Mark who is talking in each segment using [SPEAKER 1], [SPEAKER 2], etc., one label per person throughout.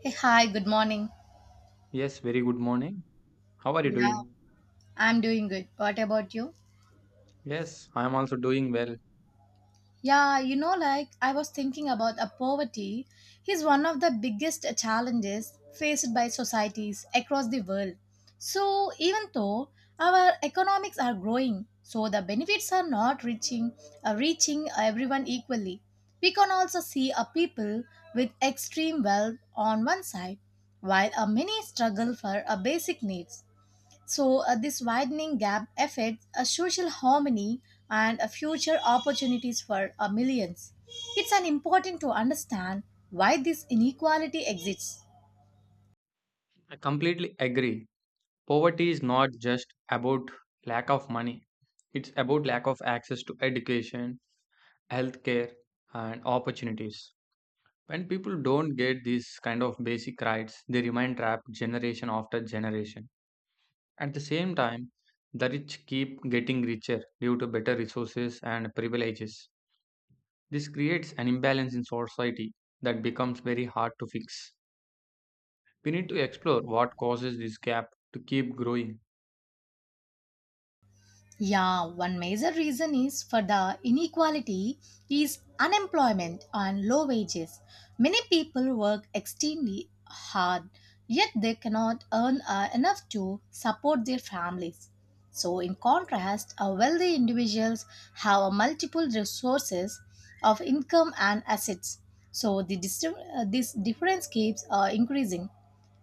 [SPEAKER 1] Hey, hi, good morning.
[SPEAKER 2] Yes, very good morning. How are you
[SPEAKER 1] Yeah,
[SPEAKER 2] doing?
[SPEAKER 1] I'm doing good. What about you?
[SPEAKER 2] Yes, I am also doing well.
[SPEAKER 1] Yeah, you know, like I was thinking about a poverty is one of the biggest challenges faced by societies across the world. So, even though our economics are growing, so the benefits are not reaching reaching everyone equally. We can also see a people with extreme wealth on one side, while a many struggle for a basic needs. So, this widening gap affects a social harmony and a future opportunities for millions. It's an important to understand why this inequality exists.
[SPEAKER 2] I completely agree. Poverty is not just about lack of money, it's about lack of access to education, healthcare, and opportunities. When people don't get these kind of basic rights, they remain trapped generation after generation. At the same time, the rich keep getting richer due to better resources and privileges. This creates an imbalance in society that becomes very hard to fix. We need to explore what causes this gap to keep growing.
[SPEAKER 1] Yeah, one major reason is for the inequality is unemployment and low wages. Many people work extremely hard, yet they cannot earn enough to support their families. So, in contrast, wealthy individuals have a multiple resources of income and assets. So, this difference keeps increasing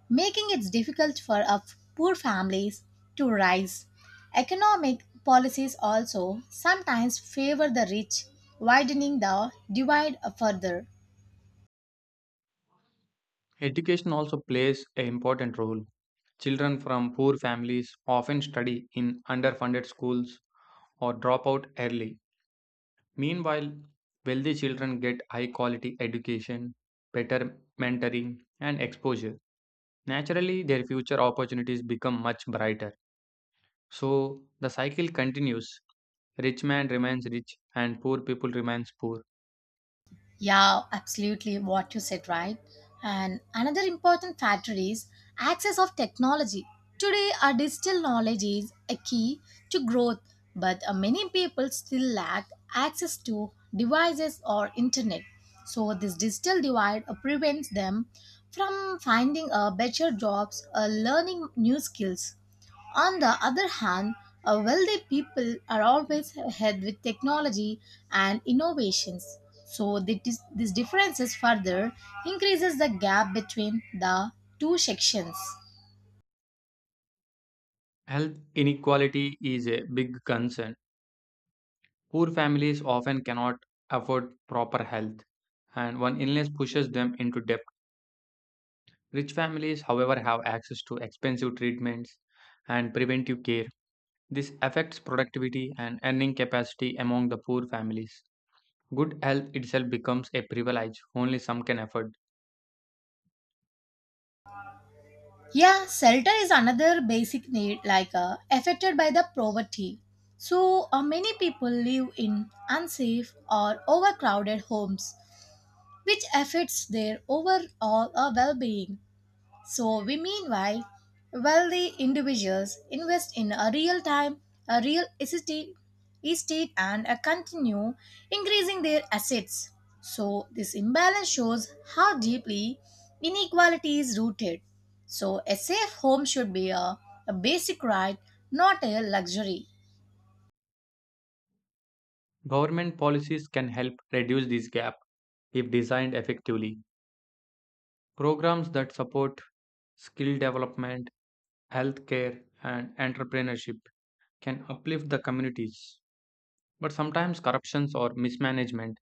[SPEAKER 1] making it difficult for poor families to rise. Economic policies also sometimes favor the rich, widening the divide further.
[SPEAKER 2] Education also plays an important role. Children from poor families often study in underfunded schools or drop out early. Meanwhile, wealthy children get high quality education, better mentoring, and exposure. Naturally, their future opportunities become much brighter. So, the cycle continues. Rich man remains rich, and poor people remains poor.
[SPEAKER 1] Yeah, absolutely what you said, right? And another important factor is access of technology. Today, our digital knowledge is a key to growth, but many people still lack access to devices or internet. So, this digital divide prevents them from finding better jobs, learning new skills. On the other hand, wealthy people are always ahead with technology and innovations. So, this differences further increases the gap between the two sections.
[SPEAKER 2] Health inequality is a big concern. Poor families often cannot afford proper health, and one illness pushes them into debt. Rich families, however, have access to expensive treatments and preventive care. This affects productivity and earning capacity among the poor families. Good health itself becomes a privilege only some can afford.
[SPEAKER 1] Yeah, shelter is another basic need, like affected by the poverty. So, many people live in unsafe or overcrowded homes, which affects their overall well being. So we meanwhile, wealthy individuals invest in a real time, a real estate, estate and a continue increasing their assets. So this imbalance shows how deeply inequality is rooted. So a safe home should be a basic right, not a luxury.
[SPEAKER 2] Government policies can help reduce this gap if designed effectively. Programs that support skill development, healthcare, and entrepreneurship can uplift the communities. But sometimes corruptions or mismanagement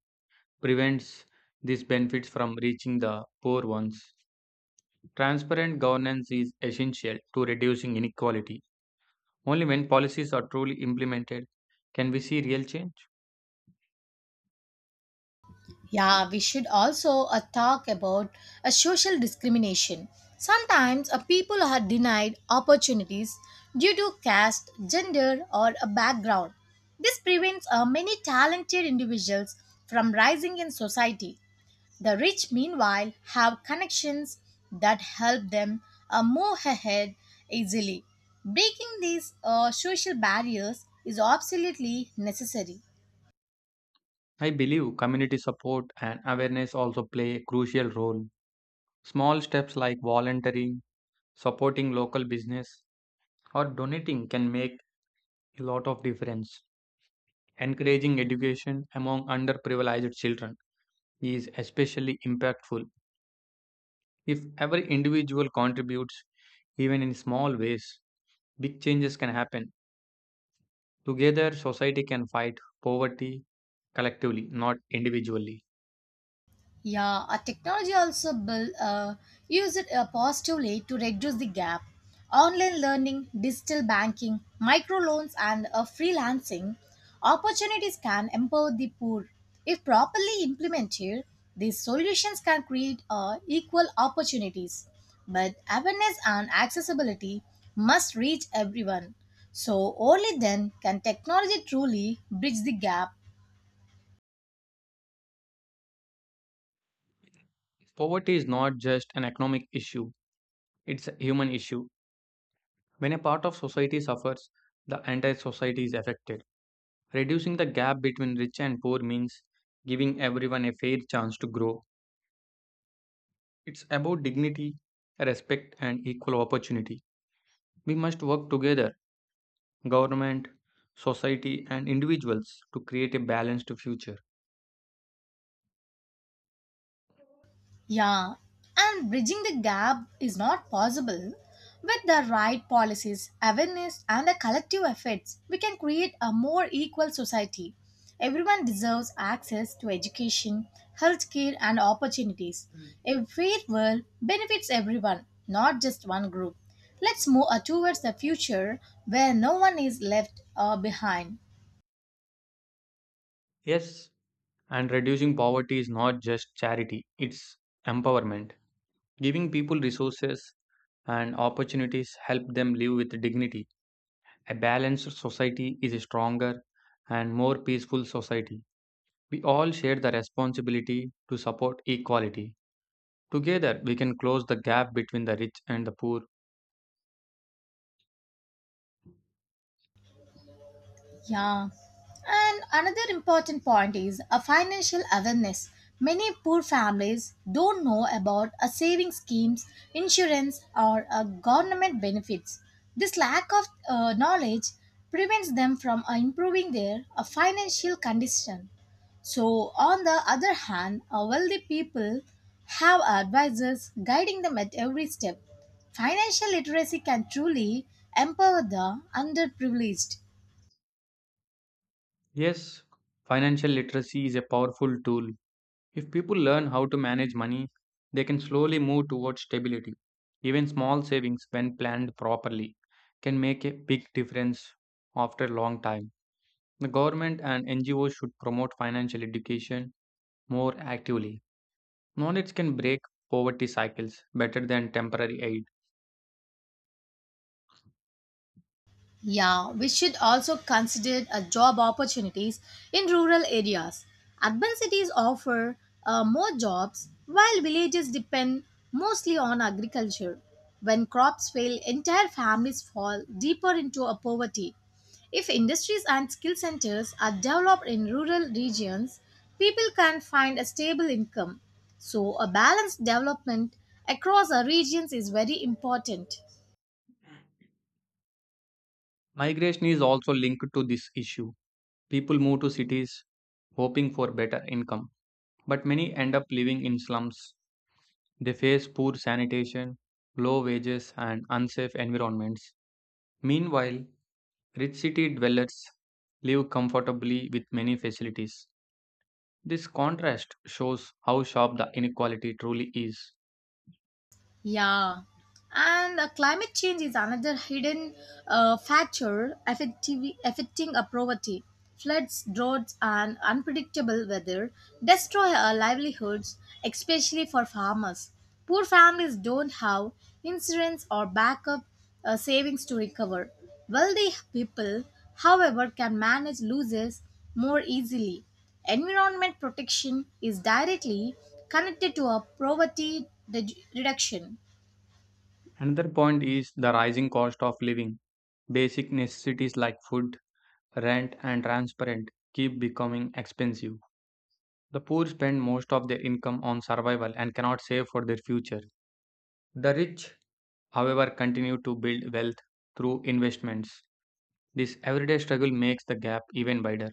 [SPEAKER 2] prevents these benefits from reaching the poor ones. Transparent governance is essential to reducing inequality. Only when policies are truly implemented can we see real change.
[SPEAKER 1] Yeah, we should also talk about social discrimination. Sometimes people are denied opportunities due to caste, gender, or a background. This prevents many talented individuals from rising in society. The rich, meanwhile, have connections that help them move ahead easily. Breaking these social barriers is absolutely necessary.
[SPEAKER 2] I believe community support and awareness also play a crucial role. Small steps like volunteering, supporting local business, or donating can make a lot of difference. Encouraging education among underprivileged children is especially impactful if every individual contributes, even in small ways. Big changes can happen. Together, society can fight poverty collectively, not individually.
[SPEAKER 1] Yeah, a technology also build, use it positively to reduce the gap. Online learning, digital banking, microloans, and freelancing opportunities can empower the poor. If properly implemented, these solutions can create equal opportunities. But awareness and accessibility must reach everyone. So only then can technology truly bridge the gap.
[SPEAKER 2] Poverty is not just an economic issue, it's a human issue. When a part of society suffers, the entire society is affected. Reducing the gap between rich and poor means giving everyone a fair chance to grow. It's about dignity, respect, and equal opportunity. We must work together government, society, and individuals to create a balanced future.
[SPEAKER 1] Yeah, and bridging the gap is not possible. With the right policies, awareness, and the collective efforts, we can create a more equal society. Everyone deserves access to education, healthcare, and opportunities. A fair world benefits everyone, not just one group. Let's move towards the future where no one is left behind.
[SPEAKER 2] Yes, and reducing poverty is not just charity, it's empowerment. Giving people resources and opportunities help them live with dignity. A balanced society is a stronger and more peaceful society. We all share the responsibility to support equality. Together, we can close the gap between the rich and the poor.
[SPEAKER 1] Yeah. And another important point is a financial awareness. Many poor families don't know about a saving schemes, insurance, or government benefits. This lack of knowledge prevents them from improving their financial condition. So, on the other hand, wealthy people have advisors guiding them at every step. Financial literacy can truly empower the underprivileged.
[SPEAKER 2] Yes, financial literacy is a powerful tool. If people learn how to manage money, they can slowly move towards stability. Even small savings, when planned properly, can make a big difference after a long time. The government and NGOs should promote financial education more actively. Knowledge can break poverty cycles better than temporary aid.
[SPEAKER 1] Yeah, we should also consider job opportunities in rural areas. Urban cities offer more jobs while villages depend mostly on agriculture. When crops fail, entire families fall deeper into a poverty. If industries and skill centers are developed in rural regions, people can find a stable income. So, a balanced development across our regions is very important.
[SPEAKER 2] Migration is also linked to this issue. People move to cities hoping for better income, but many end up living in slums. They face poor sanitation, low wages, and unsafe environments. Meanwhile, rich city dwellers live comfortably with many facilities. This contrast shows how sharp the inequality truly is.
[SPEAKER 1] Yeah, and climate change is another hidden factor affecting a poverty. Floods, droughts, and unpredictable weather destroy our livelihoods, especially for farmers. Poor families don't have insurance or backup savings to recover. Wealthy people, however, can manage losses more easily. Environment protection is directly connected to a poverty reduction.
[SPEAKER 2] Another point is the rising cost of living. Basic necessities like food, rent, and transport keep becoming expensive. The poor spend most of their income on survival and cannot save for their future. The rich, however, continue to build wealth through investments. This everyday struggle makes the gap even wider.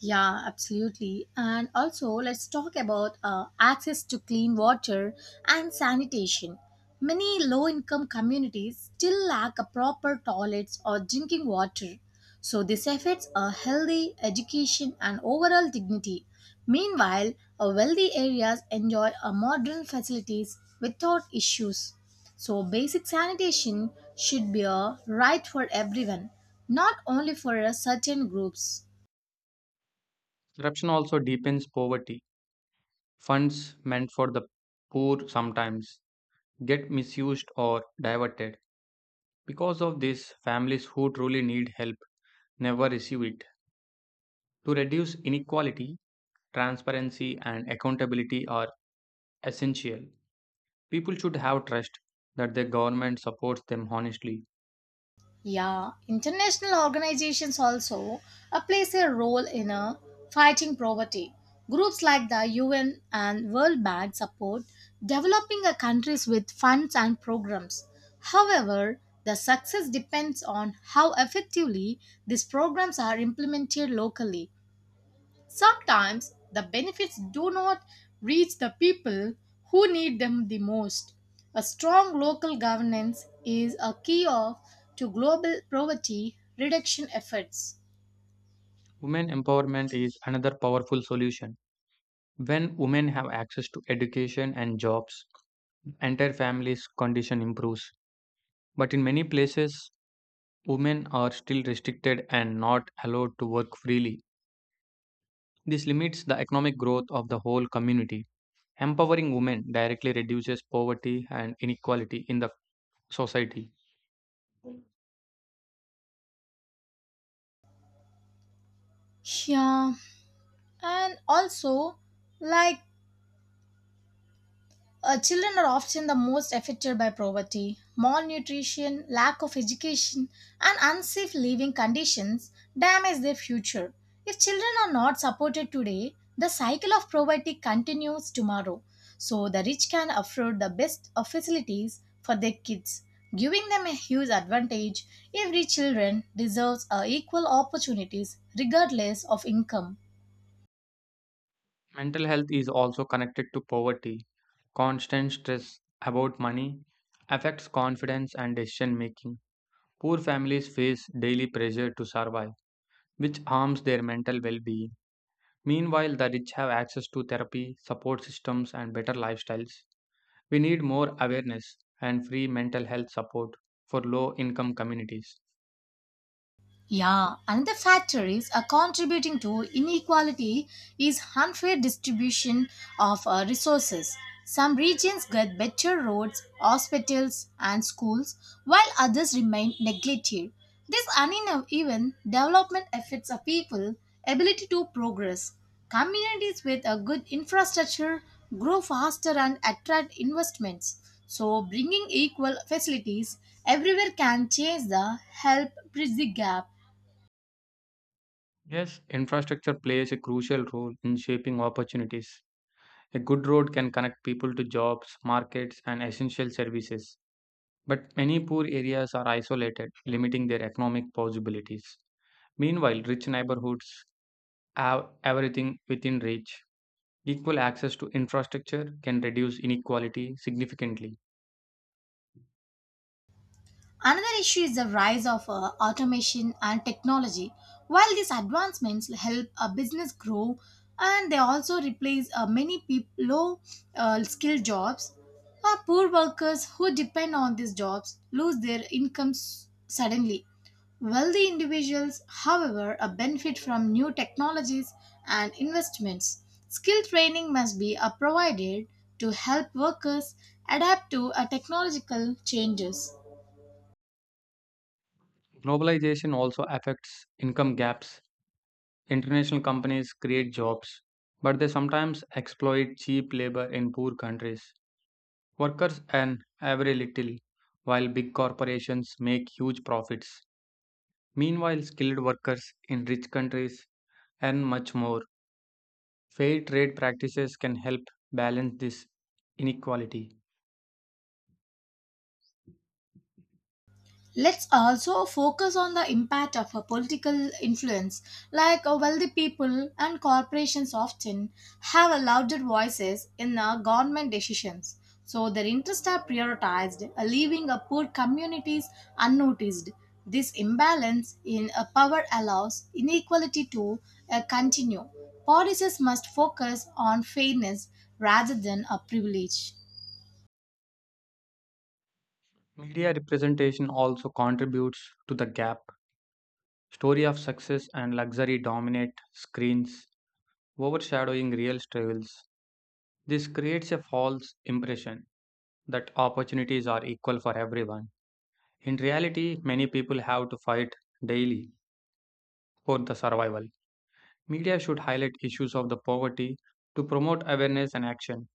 [SPEAKER 1] Yeah, absolutely. And also, let's talk about access to clean water and sanitation. Many low income communities still lack a proper toilets or drinking water. So, this affects a healthy education and overall dignity. Meanwhile, wealthy areas enjoy a modern facilities without issues. So, basic sanitation should be a right for everyone, not only for a certain groups.
[SPEAKER 2] Corruption also deepens poverty. Funds meant for the poor sometimes get misused or diverted. Because of this, families who truly need help never receive it. To reduce inequality, transparency and accountability are essential. People should have trust that their government supports them honestly.
[SPEAKER 1] Yeah, international organizations also plays a role in fighting poverty. Groups like the UN and World Bank support developing countries with funds and programs. However, the success depends on how effectively these programs are implemented locally. Sometimes the benefits do not reach the people who need them the most. A strong local governance is a key of to global poverty reduction efforts.
[SPEAKER 2] Women empowerment is another powerful solution. When women have access to education and jobs, entire families' condition improves. But in many places, women are still restricted and not allowed to work freely. This limits the economic growth of the whole community. Empowering women directly reduces poverty and inequality in the society.
[SPEAKER 1] Yeah, and also like children are often the most affected by poverty, malnutrition, lack of education, and unsafe living conditions damage their future. If children are not supported today, the cycle of poverty continues tomorrow. So the rich can afford the best of facilities for their kids, giving them a huge advantage. Every children deserves equal opportunities regardless of income.
[SPEAKER 2] Mental health is also connected to poverty. Constant stress about money affects confidence and decision making. Poor families face daily pressure to survive which harms their mental well being. Meanwhile, the rich have access to therapy, support systems, and better lifestyles. We need more awareness and free mental health support for low income communities.
[SPEAKER 1] Yeah, another factors are contributing to inequality is unfair distribution of resources. Some regions get better roads, hospitals, and schools, while others remain neglected. This uneven development affects a people' ability to progress. Communities with a good infrastructure grow faster and attract investments. So, bringing equal facilities everywhere can change the help bridge the gap.
[SPEAKER 2] Yes, infrastructure plays a crucial role in shaping opportunities. A good road can connect people to jobs, markets, and essential services. But many poor areas are isolated, limiting their economic possibilities. Meanwhile, rich neighborhoods have everything within reach. Equal access to infrastructure can reduce inequality significantly.
[SPEAKER 1] Another issue is the rise of automation and technology. While these advancements help a business grow and they also replace low skilled jobs, poor workers who depend on these jobs lose their incomes suddenly. Wealthy individuals, however, benefit from new technologies and investments. Skill training must be provided to help workers adapt to technological changes.
[SPEAKER 2] Globalization also affects income gaps. International companies create jobs, but they sometimes exploit cheap labor in poor countries. Workers earn very little, while big corporations make huge profits. Meanwhile, skilled workers in rich countries earn much more. Fair trade practices can help balance this inequality.
[SPEAKER 1] Let's also focus on the impact of a political influence, like wealthy people and corporations often have a louder voices in government decisions. So their interests are prioritized, leaving poor communities unnoticed. This imbalance in power allows inequality to continue. Policies must focus on fairness rather than a privilege.
[SPEAKER 2] Media representation also contributes to the gap. Story of success and luxury dominate screens, overshadowing real struggles. This creates a false impression that opportunities are equal for everyone. In reality, many people have to fight daily for the survival. Media should highlight issues of the poverty to promote awareness and action.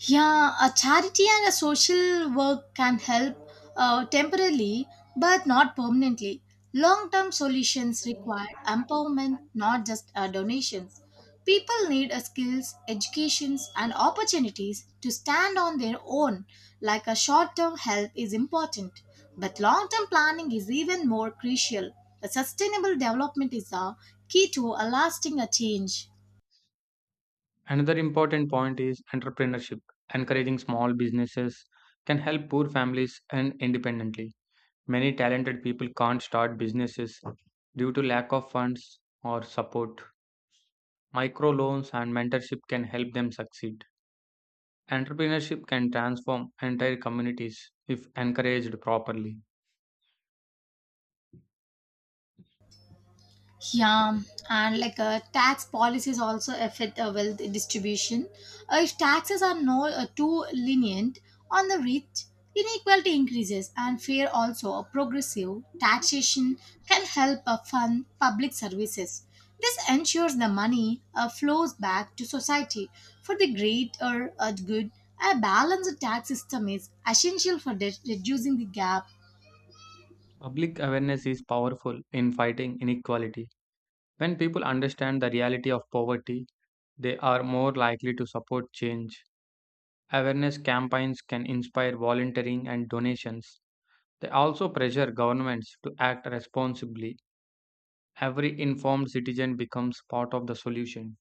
[SPEAKER 1] Yeah, a charity and a social work can help temporarily but not permanently. Long term solutions require empowerment, not just donations. People need skills, educations, and opportunities to stand on their own, like a short term help is important. But long term planning is even more crucial. A sustainable development is a key to a lasting change.
[SPEAKER 2] Another important point is entrepreneurship. Encouraging small businesses can help poor families earn independently. Many talented people can't start businesses due to lack of funds or support. Microloans and mentorship can help them succeed. Entrepreneurship can transform entire communities if encouraged properly.
[SPEAKER 1] Yeah, and like tax policies also affect wealth distribution. If taxes are no too lenient on the rich, inequality increases, and fair also a progressive taxation can help fund public services. This ensures the money flows back to society for the greater good. A balanced tax system is essential for reducing the gap.
[SPEAKER 2] Public awareness is powerful in fighting inequality. When people understand the reality of poverty, they are more likely to support change. Awareness campaigns can inspire volunteering and donations. They also pressure governments to act responsibly. Every informed citizen becomes part of the solution.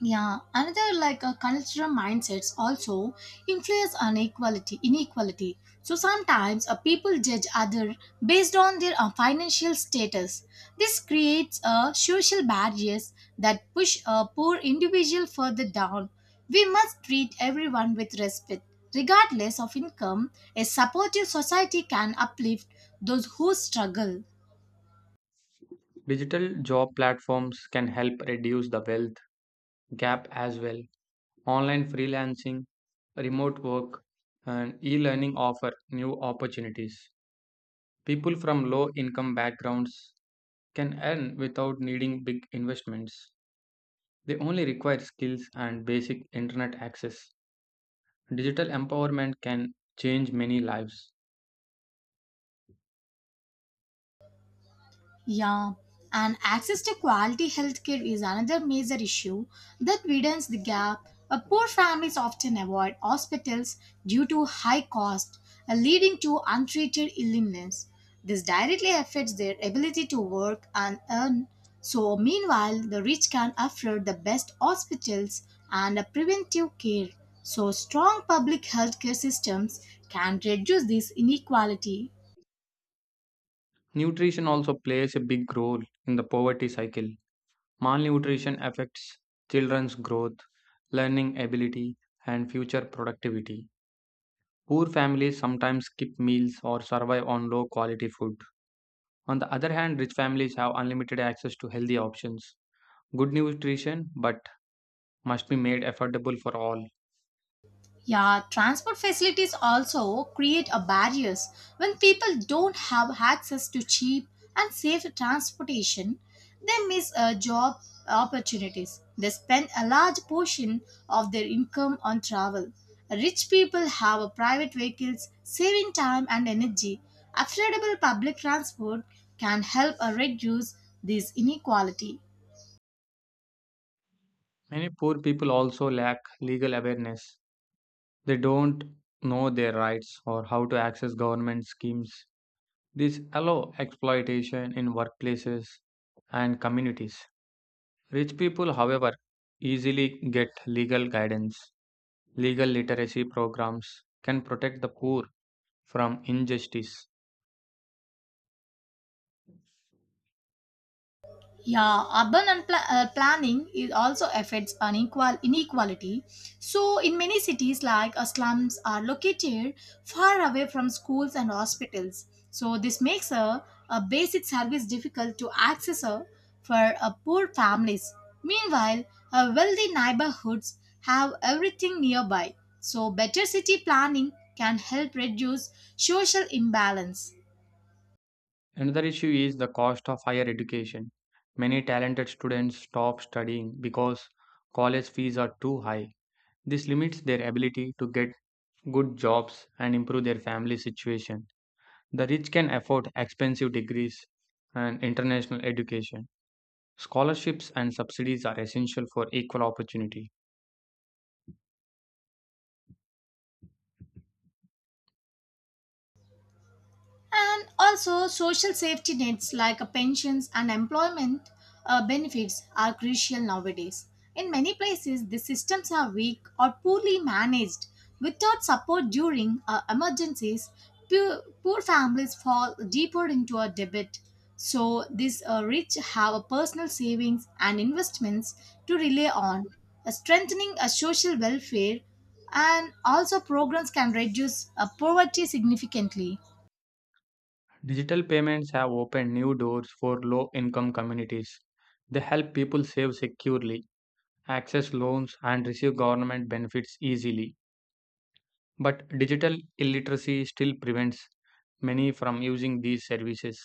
[SPEAKER 1] Yeah, another like a cultural mindsets also influence inequality. Inequality. So sometimes people judge other based on their financial status. This creates social barriers that push a poor individual further down. We must treat everyone with respect, regardless of income. A supportive society can uplift those who struggle.
[SPEAKER 2] Digital job platforms can help reduce the wealth gap as well. Online freelancing, remote work, and e learning offer new opportunities. People from low income backgrounds can earn without needing big investments. They only require skills and basic internet access. Digital empowerment can change many lives.
[SPEAKER 1] Yeah, and access to quality healthcare is another major issue that widens the gap. Poor families often avoid hospitals due to high cost, leading to untreated illness. This directly affects their ability to work and earn. So, meanwhile, the rich can afford the best hospitals and preventive care. So, strong public healthcare systems can reduce this inequality.
[SPEAKER 2] Nutrition also plays a big role in the poverty cycle. Malnutrition affects children's growth, learning ability, and future productivity. Poor families sometimes skip meals or survive on low quality food. On the other hand, rich families have unlimited access to healthy options. Good nutrition, but must be made affordable for all.
[SPEAKER 1] Yeah, transport facilities also create a barriers when people don't have access to cheap and safe transportation. They miss job opportunities. They spend a large portion of their income on travel. Rich people have a private vehicles, saving time and energy. Affordable public transport can help reduce this inequality.
[SPEAKER 2] Many poor people also lack legal awareness. They don't know their rights or how to access government schemes. This allows exploitation in workplaces and communities. Rich people, however, easily get legal guidance. Legal literacy programs can protect the poor from injustice.
[SPEAKER 1] Yeah, urban and planning is also affects unequal inequality. So, in many cities, like slums are located far away from schools and hospitals. So, this makes a basic service difficult to access for poor families. Meanwhile, wealthy neighborhoods have everything nearby. So, better city planning can help reduce social imbalance.
[SPEAKER 2] Another issue is the cost of higher education. Many talented students stop studying because college fees are too high. This limits their ability to get good jobs and improve their family situation. The rich can afford expensive degrees and international education. Scholarships and subsidies are essential for equal opportunity.
[SPEAKER 1] And also, social safety nets like pensions and employment benefits are crucial nowadays. In many places, the systems are weak or poorly managed. Without support during emergencies, poor families fall deeper into a debt. So, these rich have a personal savings and investments to rely on. Strengthening a social welfare and also programs can reduce poverty significantly.
[SPEAKER 2] Digital payments have opened new doors for low income communities. They help people save securely, access loans, and receive government benefits easily. But digital illiteracy still prevents many from using these services.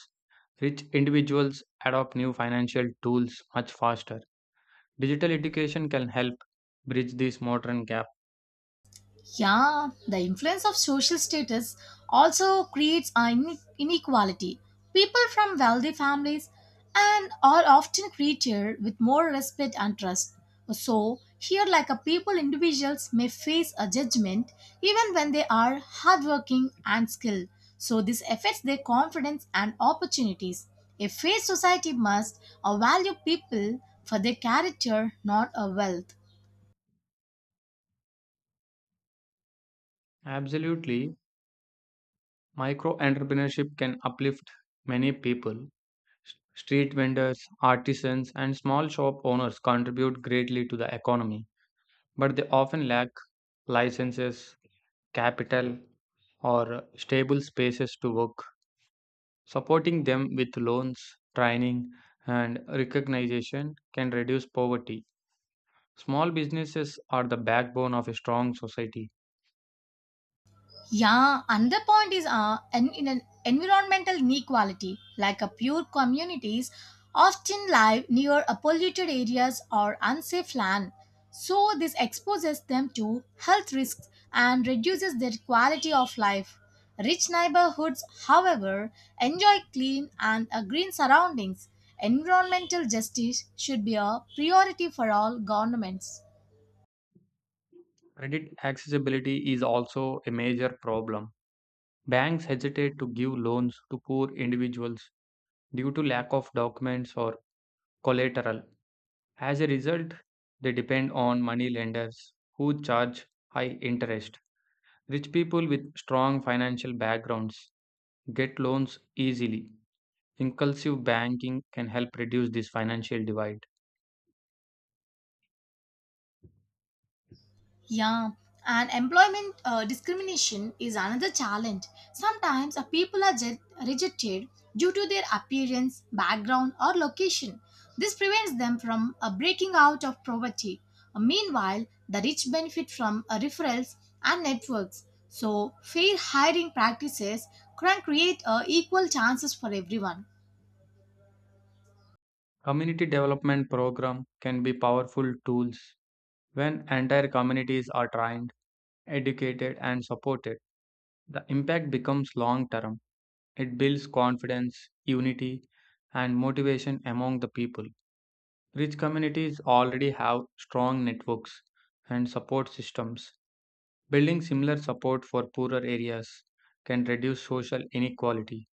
[SPEAKER 2] Rich individuals adopt new financial tools much faster. Digital education can help bridge this modern gap.
[SPEAKER 1] Yeah, the influence of social status also creates inequality. People from wealthy families and are often treated with more respect and trust. So, here, like a people, individuals may face a judgment even when they are hardworking and skilled. So, this affects their confidence and opportunities. A fair society must value people for their character, not a wealth.
[SPEAKER 2] Absolutely, micro entrepreneurship can uplift many people. Street vendors, artisans, and small shop owners contribute greatly to the economy, but they often lack licenses, capital, or stable spaces to work. Supporting them with loans, training, and recognition can reduce poverty. Small businesses are the backbone of a strong society.
[SPEAKER 1] Yeah, another point is in an environmental inequality, like a pure communities often live near a polluted areas or unsafe land. So this exposes them to health risks and reduces their quality of life. Rich neighborhoods, however, enjoy clean and green surroundings. Environmental justice should be a priority for all governments.
[SPEAKER 2] Credit accessibility is also a major problem. Banks hesitate to give loans to poor individuals due to lack of documents or collateral. As a result, they depend on money lenders who charge high interest. Rich people with strong financial backgrounds get loans easily. Inclusive banking can help reduce this financial divide.
[SPEAKER 1] Yeah, and employment discrimination is another challenge. Sometimes people are rejected due to their appearance, background, or location. This prevents them from breaking out of poverty. Meanwhile, the rich benefit from referrals and networks. So, fair hiring practices can create equal chances for everyone.
[SPEAKER 2] Community development program can be powerful tools when entire communities are trained, educated and supported. The impact becomes long term. It builds confidence, unity and motivation among the people. Rich communities already have strong networks and support systems. Building similar support for poorer areas can reduce social inequality.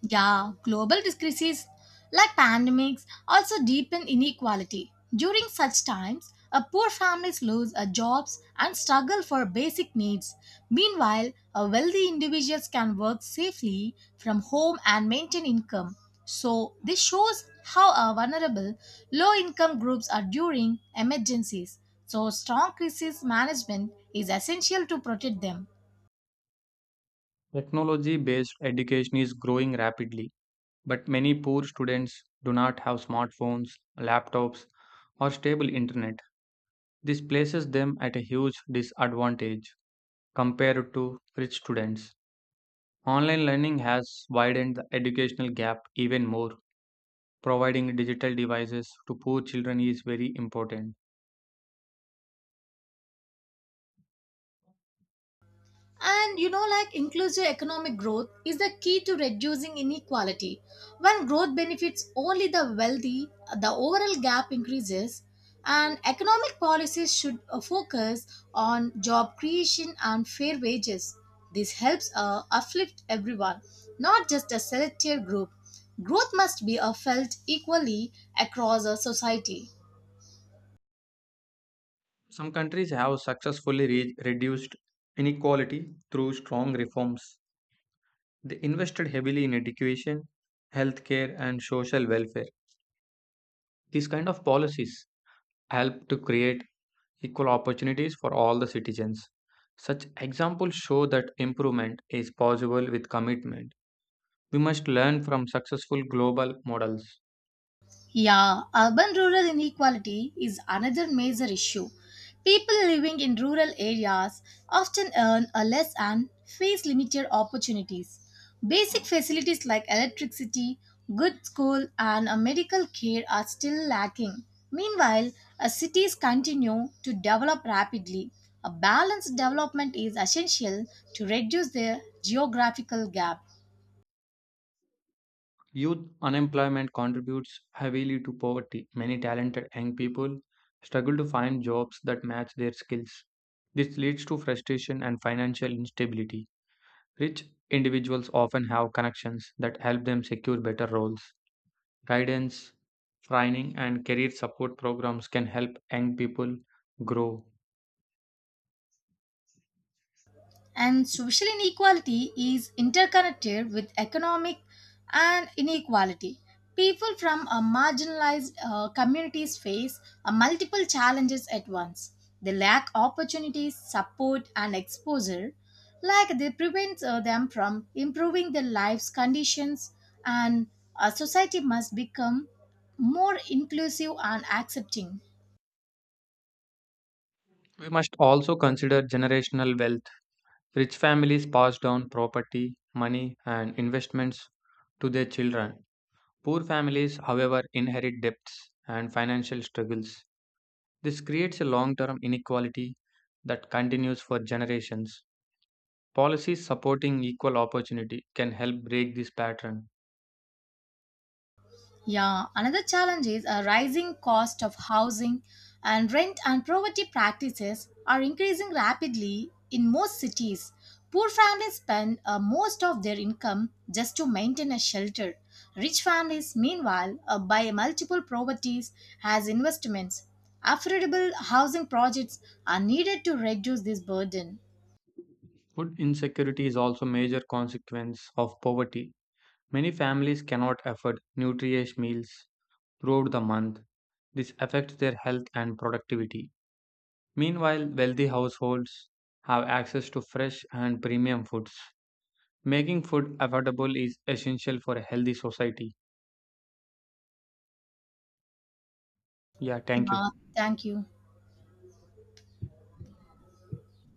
[SPEAKER 1] Yeah, global crises like pandemics also deepen inequality. During such times, a poor families lose a jobs and struggle for basic needs. Meanwhile, a wealthy individuals can work safely from home and maintain income. So, this shows how vulnerable low income groups are during emergencies. So, strong crisis management is essential to protect them.
[SPEAKER 2] Technology based education is growing rapidly, but many poor students do not have smartphones, laptops, or stable internet. This places them at a huge disadvantage compared to rich students. Online learning has widened the educational gap even more. Providing digital devices to poor children is very important.
[SPEAKER 1] And you know, like inclusive economic growth is the key to reducing inequality. When growth benefits only the wealthy, the overall gap increases, and economic policies should focus on job creation and fair wages. This helps uplift everyone, not just a selected group. Growth must be felt equally across a society.
[SPEAKER 2] Some countries have successfully reduced inequality through strong reforms. They invested heavily in education, healthcare, and social welfare. These kind of policies help to create equal opportunities for all the citizens. Such examples show that improvement is possible with commitment. We must learn from successful global models.
[SPEAKER 1] Yeah, urban rural inequality is another major issue. People living in rural areas often earn a less and face limited opportunities. Basic facilities like electricity, good school, and a medical care are still lacking. Meanwhile, as cities continue to develop rapidly, a balanced development is essential to reduce the geographical gap.
[SPEAKER 2] Youth unemployment contributes heavily to poverty. Many talented young people struggle to find jobs that match their skills. This leads to frustration and financial instability. Rich individuals often have connections that help them secure better roles. Guidance, training, and career support programs can help young people grow.
[SPEAKER 1] And social inequality is interconnected with economic and inequality. People from a marginalized communities face multiple challenges at once. They lack opportunities, support, and exposure, like they prevent them from improving their lives' conditions. And a society must become more inclusive and accepting.
[SPEAKER 2] We must also consider generational wealth. Rich families pass down property, money, and investments to their children. Poor families, however, inherit debts and financial struggles. This creates a long term inequality that continues for generations. Policies supporting equal opportunity can help break this pattern.
[SPEAKER 1] Yeah, another challenge is a rising cost of housing and rent and poverty practices are increasing rapidly in most cities. Poor families spend most of their income just to maintain a shelter. Rich families, meanwhile, buy multiple properties as investments. Affordable housing projects are needed to reduce this burden.
[SPEAKER 2] Food insecurity is also a major consequence of poverty. Many families cannot afford nutritious meals throughout the month. This affects their health and productivity. Meanwhile, wealthy households have access to fresh and premium foods. Making food affordable is essential for a healthy society. Yeah, thank you.
[SPEAKER 1] Yeah, thank you.